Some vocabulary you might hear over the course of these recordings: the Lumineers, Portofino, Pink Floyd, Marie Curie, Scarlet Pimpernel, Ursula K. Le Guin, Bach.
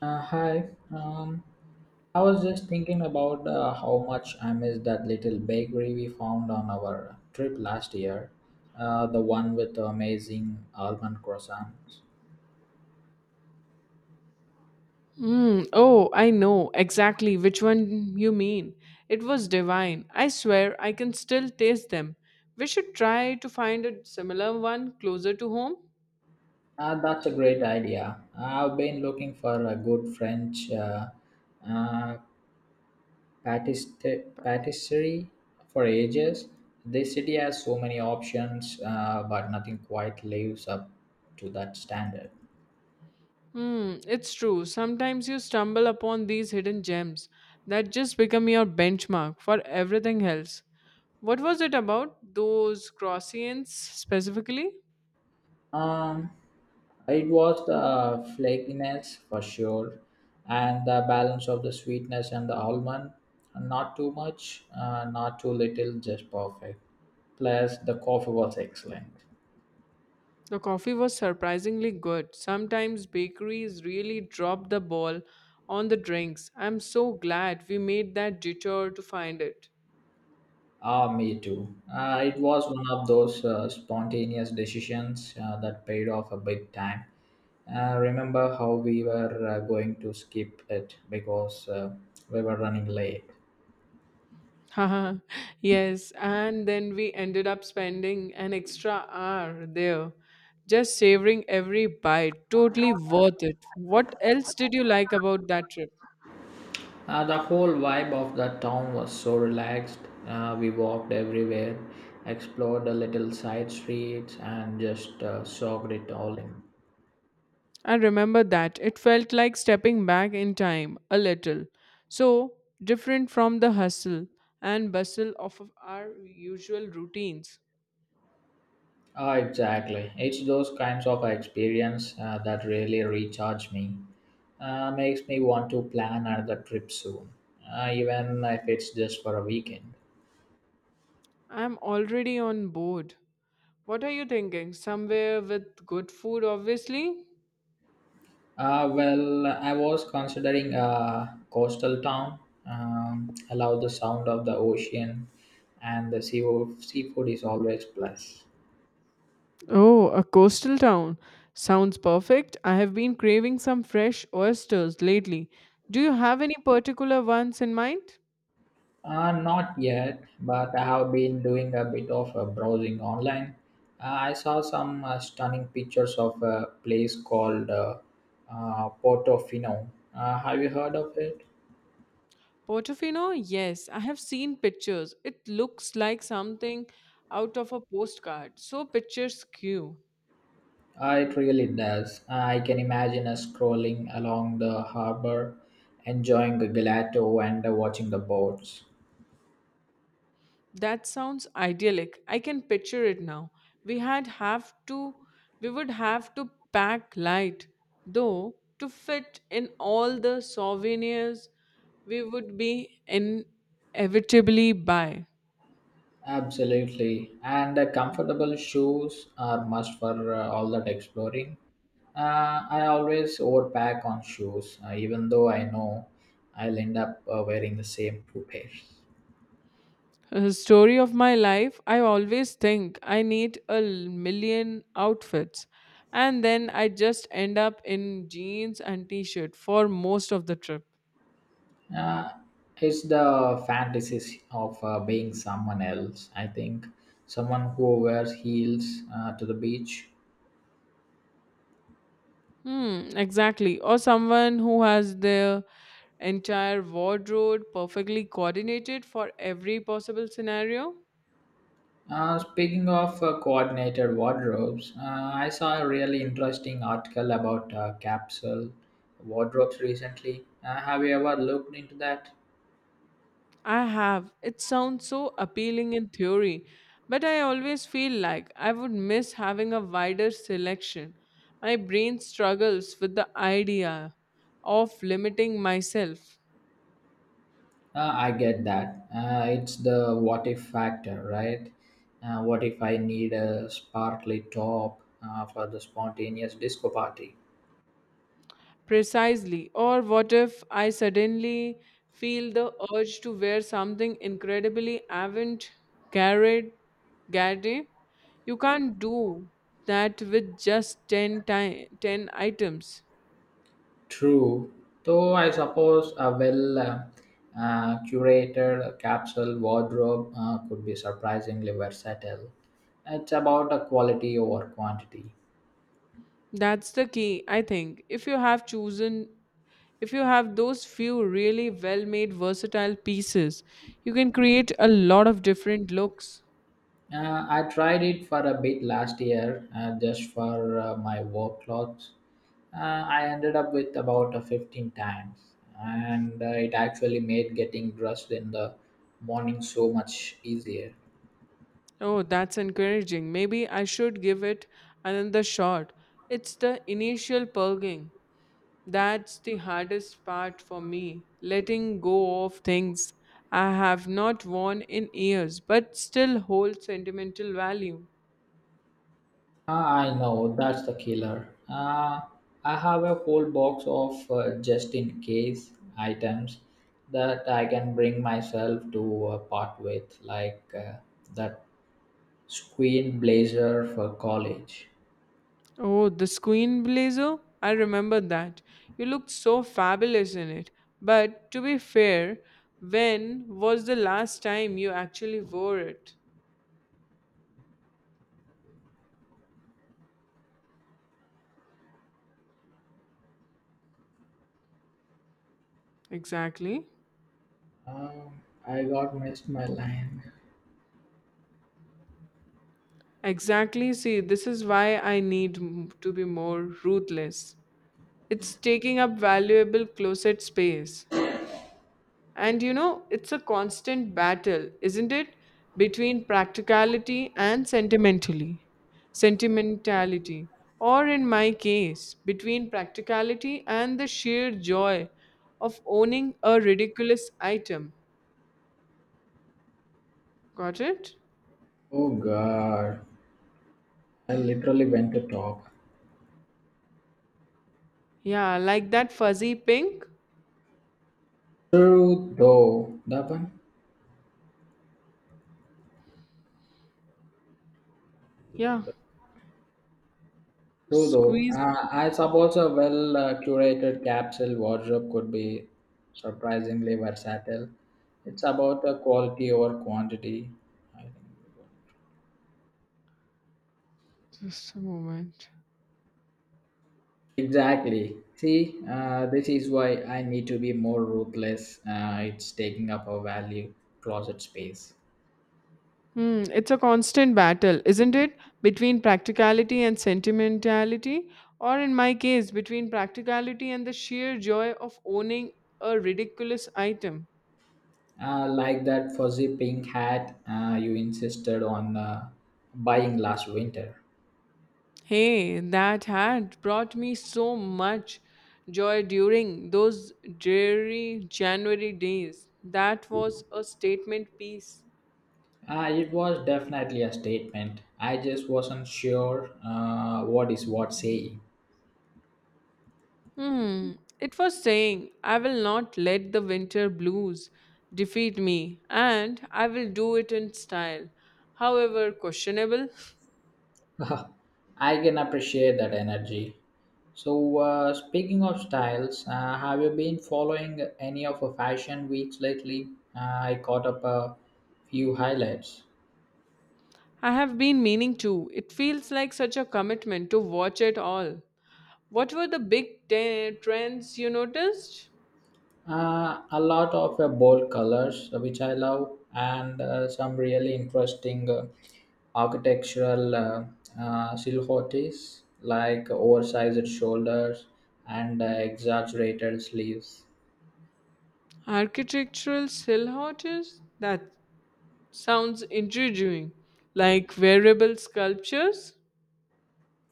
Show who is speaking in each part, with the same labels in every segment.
Speaker 1: Hi. Um, I was just thinking about how much I missed that little bakery we found on our trip last year. The one with the amazing almond croissants.
Speaker 2: Mm, oh, I know exactly which one you mean. It was divine. I swear I can still taste them. We should try to find a similar one closer to home.
Speaker 1: That's a great idea. I've been looking for a good French uh, patisserie for ages. This city has so many options, but nothing quite lives up to that standard.
Speaker 2: Hmm, it's true. Sometimes you stumble upon these hidden gems that just become your benchmark for everything else. What was it about those croissants specifically?
Speaker 1: Um, it was the flakiness for sure, and the balance of the sweetness and the almond. Not too much, not too little, just perfect. Plus, the coffee was excellent.
Speaker 2: The coffee was surprisingly good. Sometimes bakeries really drop the ball on the drinks. I'm so glad we made that detour to find it.
Speaker 1: Ah, me too. It was one of those spontaneous decisions that paid off a big time. Remember how we were going to skip it because we were running late.
Speaker 2: Haha, yes, and then we ended up spending an extra hour there, just savoring every bite. Totally worth it. What else did you like about that trip?
Speaker 1: The whole vibe of the town was so relaxed. We walked everywhere, explored the little side streets, and just soaked it all in.
Speaker 2: I remember that. It felt like stepping back in time a little. So different from the hustle and bustle of our usual routines.
Speaker 1: Ah, exactly. It's those kinds of experience that really recharge me. Makes me want to plan another trip soon, even if it's just for a weekend.
Speaker 2: I'm already on board. What are you thinking? Somewhere with good food, obviously?
Speaker 1: Well, I was considering a coastal town. I love the sound of the ocean, and the seafood is always plus.
Speaker 2: Oh, a coastal town. Sounds perfect. I have been craving some fresh oysters lately. Do you have any particular ones in mind?
Speaker 1: Not yet, but I have been doing a bit of browsing online. I saw some stunning pictures of a place called Portofino. Have you heard of it?
Speaker 2: Portofino, yes, I have seen pictures. It looks like something out of a postcard. So picturesque.
Speaker 1: It really does. I can imagine us scrolling along the harbor, enjoying the gelato and watching the boats.
Speaker 2: That sounds idyllic. I can picture it now. We had have to we would have to pack light though to fit in all the souvenirs we would be inevitably buy.
Speaker 1: Absolutely. And comfortable shoes are must for all that exploring. I always overpack on shoes, even though I know I'll end up wearing the same two pairs.
Speaker 2: Story of my life, I always think I need million outfits, and then I just end up in jeans and t shirt for most of the trip.
Speaker 1: Uh, it's the fantasies of being someone else. I think someone who wears heels to the beach.
Speaker 2: Hmm, exactly. Or someone who has their entire wardrobe perfectly coordinated for every possible scenario.
Speaker 1: Speaking of coordinated wardrobes, I saw a really interesting article about capsule wardrobes recently. Have you ever looked into that?
Speaker 2: I have. It sounds so appealing in theory, but I always feel like I would miss having a wider selection. My brain struggles with the idea of limiting myself
Speaker 1: I get that. It's the what if factor, right? What if I need a sparkly top for the spontaneous disco party?
Speaker 2: precisely, or what if I suddenly feel the urge to wear something incredibly avant garde? garde? You can't do that with just 10 items.
Speaker 1: True, though I suppose a well curated capsule wardrobe could be surprisingly versatile. It's about a quality over quantity.
Speaker 2: That's the key, I think. If you have those few really well made, versatile pieces, you can create a lot of different looks.
Speaker 1: I tried it for a bit last year just for my work clothes. I ended up with about 15 times, and it actually made getting dressed in the morning so much easier.
Speaker 2: Oh, that's encouraging. Maybe I should give it another shot. It's the initial purging. That's the hardest part for me, letting go of things I have not worn in years but still hold sentimental value.
Speaker 1: Ah, I know, that's the killer. I have a whole box of just in case items that I can bring myself to part with, like that squeen blazer for college.
Speaker 2: Oh, the queen blazer? I remember that. You looked so fabulous in it. But to be fair, when was the last time you actually wore it? Exactly.
Speaker 1: I got missed my line.
Speaker 2: Exactly. See, this is why I need to be more ruthless. It's taking up valuable closet space. And you know, it's a constant battle, isn't it? Between practicality and sentimentally. sentimentality. Or in my case, between practicality and the sheer joy of owning a ridiculous item. Got it?
Speaker 1: Oh god, I literally went to talk.
Speaker 2: Yeah, like that fuzzy pink.
Speaker 1: True though, that one.
Speaker 2: Yeah.
Speaker 1: True though,
Speaker 2: Squeeze.
Speaker 1: I suppose a well curated capsule wardrobe could be surprisingly versatile. It's about quality over quantity. I think.
Speaker 2: Just a moment.
Speaker 1: Exactly. See, this is why I need to be more ruthless. It's taking up a value closet space.
Speaker 2: Hmm, it's a constant battle, isn't it? Between practicality and sentimentality, or in my case, between practicality and the sheer joy of owning a ridiculous item.
Speaker 1: Like that fuzzy pink hat you insisted on buying last winter.
Speaker 2: Hey, that hat brought me so much joy during those dreary January days. That was a statement piece.
Speaker 1: It was definitely a statement. I just wasn't sure what is what saying.
Speaker 2: Hmm. It was saying, I will not let the winter blues defeat me, and I will do it in style, however questionable.
Speaker 1: I can appreciate that energy. So, speaking of styles, have you been following any of the fashion weeks lately? I caught up a few highlights.
Speaker 2: I have been meaning to. It feels like such a commitment to watch it all. What were the big trends you noticed?
Speaker 1: A lot of bold colors, which I love, and some really interesting architectural silhouettes, like oversized shoulders and exaggerated sleeves.
Speaker 2: Architectural silhouettes? That sounds intriguing. Like variable sculptures?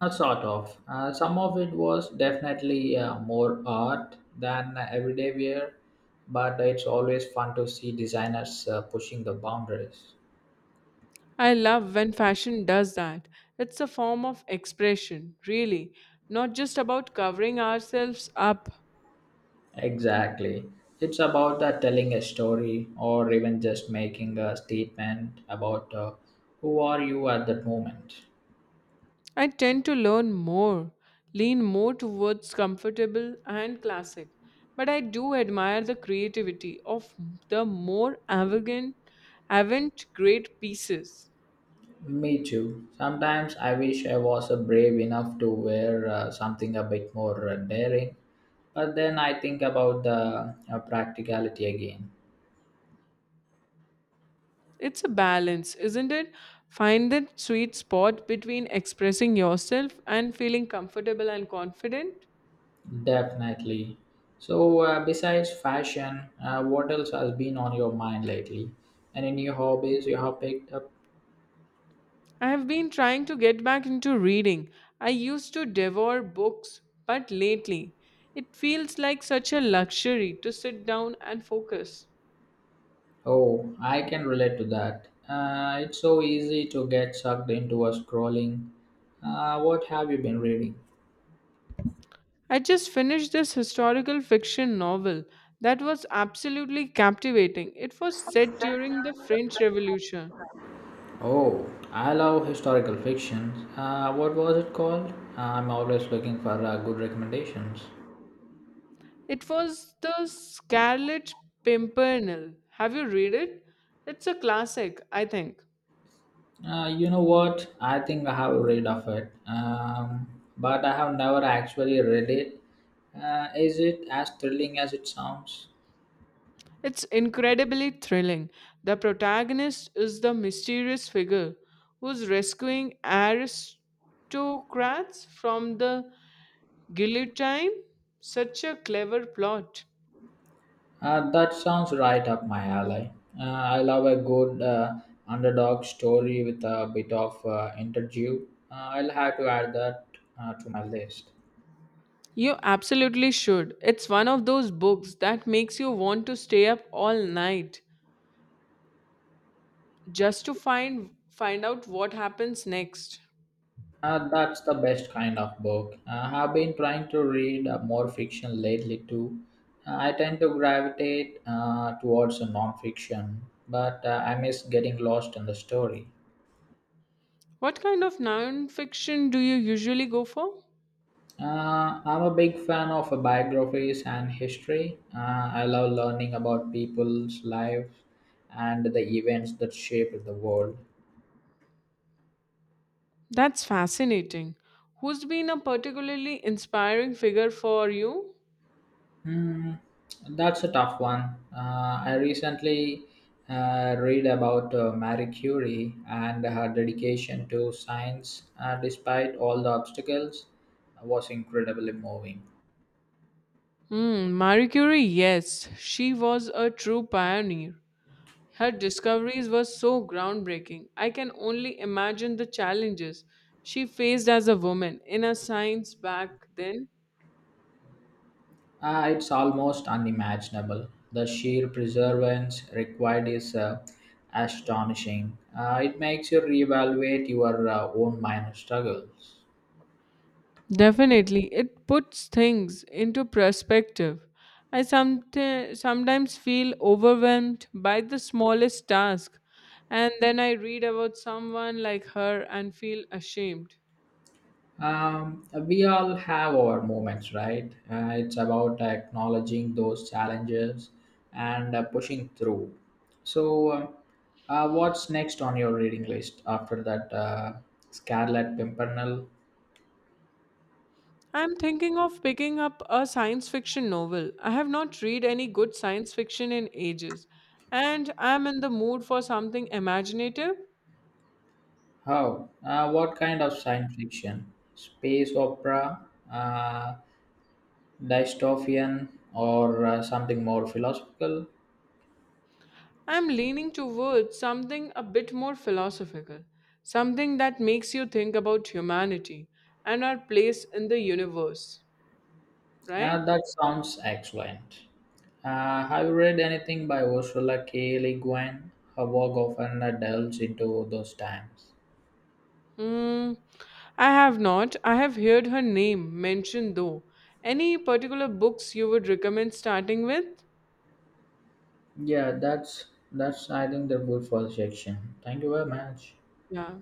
Speaker 1: Not sort of. Some of it was definitely more art than everyday wear, but it's always fun to see designers pushing the boundaries.
Speaker 2: I love when fashion does that. It's a form of expression, really, not just about covering ourselves up.
Speaker 1: Exactly. It's about that telling a story or even just making a statement about who are you at that moment.
Speaker 2: I tend to learn more, lean more towards comfortable and classic, but I do admire the creativity of the more avant-garde pieces.
Speaker 1: Me too. Sometimes I wish I was brave enough to wear something a bit more daring, but then I think about the practicality again.
Speaker 2: It's a balance, isn't it? Find that sweet spot between expressing yourself and feeling comfortable and confident.
Speaker 1: Definitely. So, besides fashion, what else has been on your mind lately? Any new hobbies you have picked up?
Speaker 2: I have been trying to get back into reading. I used to devour books, but lately it feels like such a luxury to sit down and focus.
Speaker 1: Oh, I can relate to that. It's so easy to get sucked into a scrolling. What have you been reading?
Speaker 2: I just finished this historical fiction novel that was absolutely captivating. It was set during the French Revolution.
Speaker 1: Oh, I love historical fiction. What was it called? I'm always looking for good recommendations.
Speaker 2: It was The Scarlet Pimpernel. Have you read it? It's a classic, I think.
Speaker 1: You know what? I think I have read of it, but I have never actually read it. Is it as thrilling as it sounds?
Speaker 2: It's incredibly thrilling. The protagonist is the mysterious figure who's rescuing aristocrats from the guillotine. Such a clever plot.
Speaker 1: That sounds right up my alley. I love a good underdog story with a bit of interview. I'll have to add that to my list.
Speaker 2: You absolutely should. It's one of those books that makes you want to stay up all night just to find out what happens next.
Speaker 1: That's the best kind of book. I've been trying to read more fiction lately too. I tend to gravitate towards non fiction, but I miss getting lost in the story.
Speaker 2: What kind of non-fiction do you usually go for?
Speaker 1: I'm a big fan of biographies and history. I love learning about people's lives and the events that shaped the world.
Speaker 2: That's fascinating. Who's been a particularly inspiring figure for you?
Speaker 1: Hmm, that's a tough one. I recently read about Marie Curie, and her dedication to science despite all the obstacles was incredibly moving.
Speaker 2: Hmm, Marie Curie, yes. She was a true pioneer. Her discoveries were so groundbreaking. I can only imagine the challenges she faced as a woman in a science back then.
Speaker 1: It's almost unimaginable. The sheer perseverance required is astonishing. It makes you reevaluate your own minor struggles.
Speaker 2: Definitely, it puts things into perspective. I sometimes feel overwhelmed by the smallest task, and then I read about someone like her and feel ashamed.
Speaker 1: We all have our moments, right? It's about acknowledging those challenges and pushing through. So, what's next on your reading list after that Scarlet Pimpernel?
Speaker 2: I'm thinking of picking up a science fiction novel. I have not read any good science fiction in ages, and I'm in the mood for something imaginative.
Speaker 1: How? What kind of science fiction? Space opera, uh, dystopian, or something more philosophical?
Speaker 2: I'm leaning towards something a bit more philosophical, something that makes you think about humanity and our place in the universe, right?
Speaker 1: That sounds excellent. Have you read anything by Ursula K. Le Guin? Her work often delves into those times.
Speaker 2: Hmm. I have not. I have heard her name mentioned though. Any particular books you would recommend starting with?
Speaker 1: Yeah, that's I think the good for section. Thank you very much.
Speaker 2: Yeah.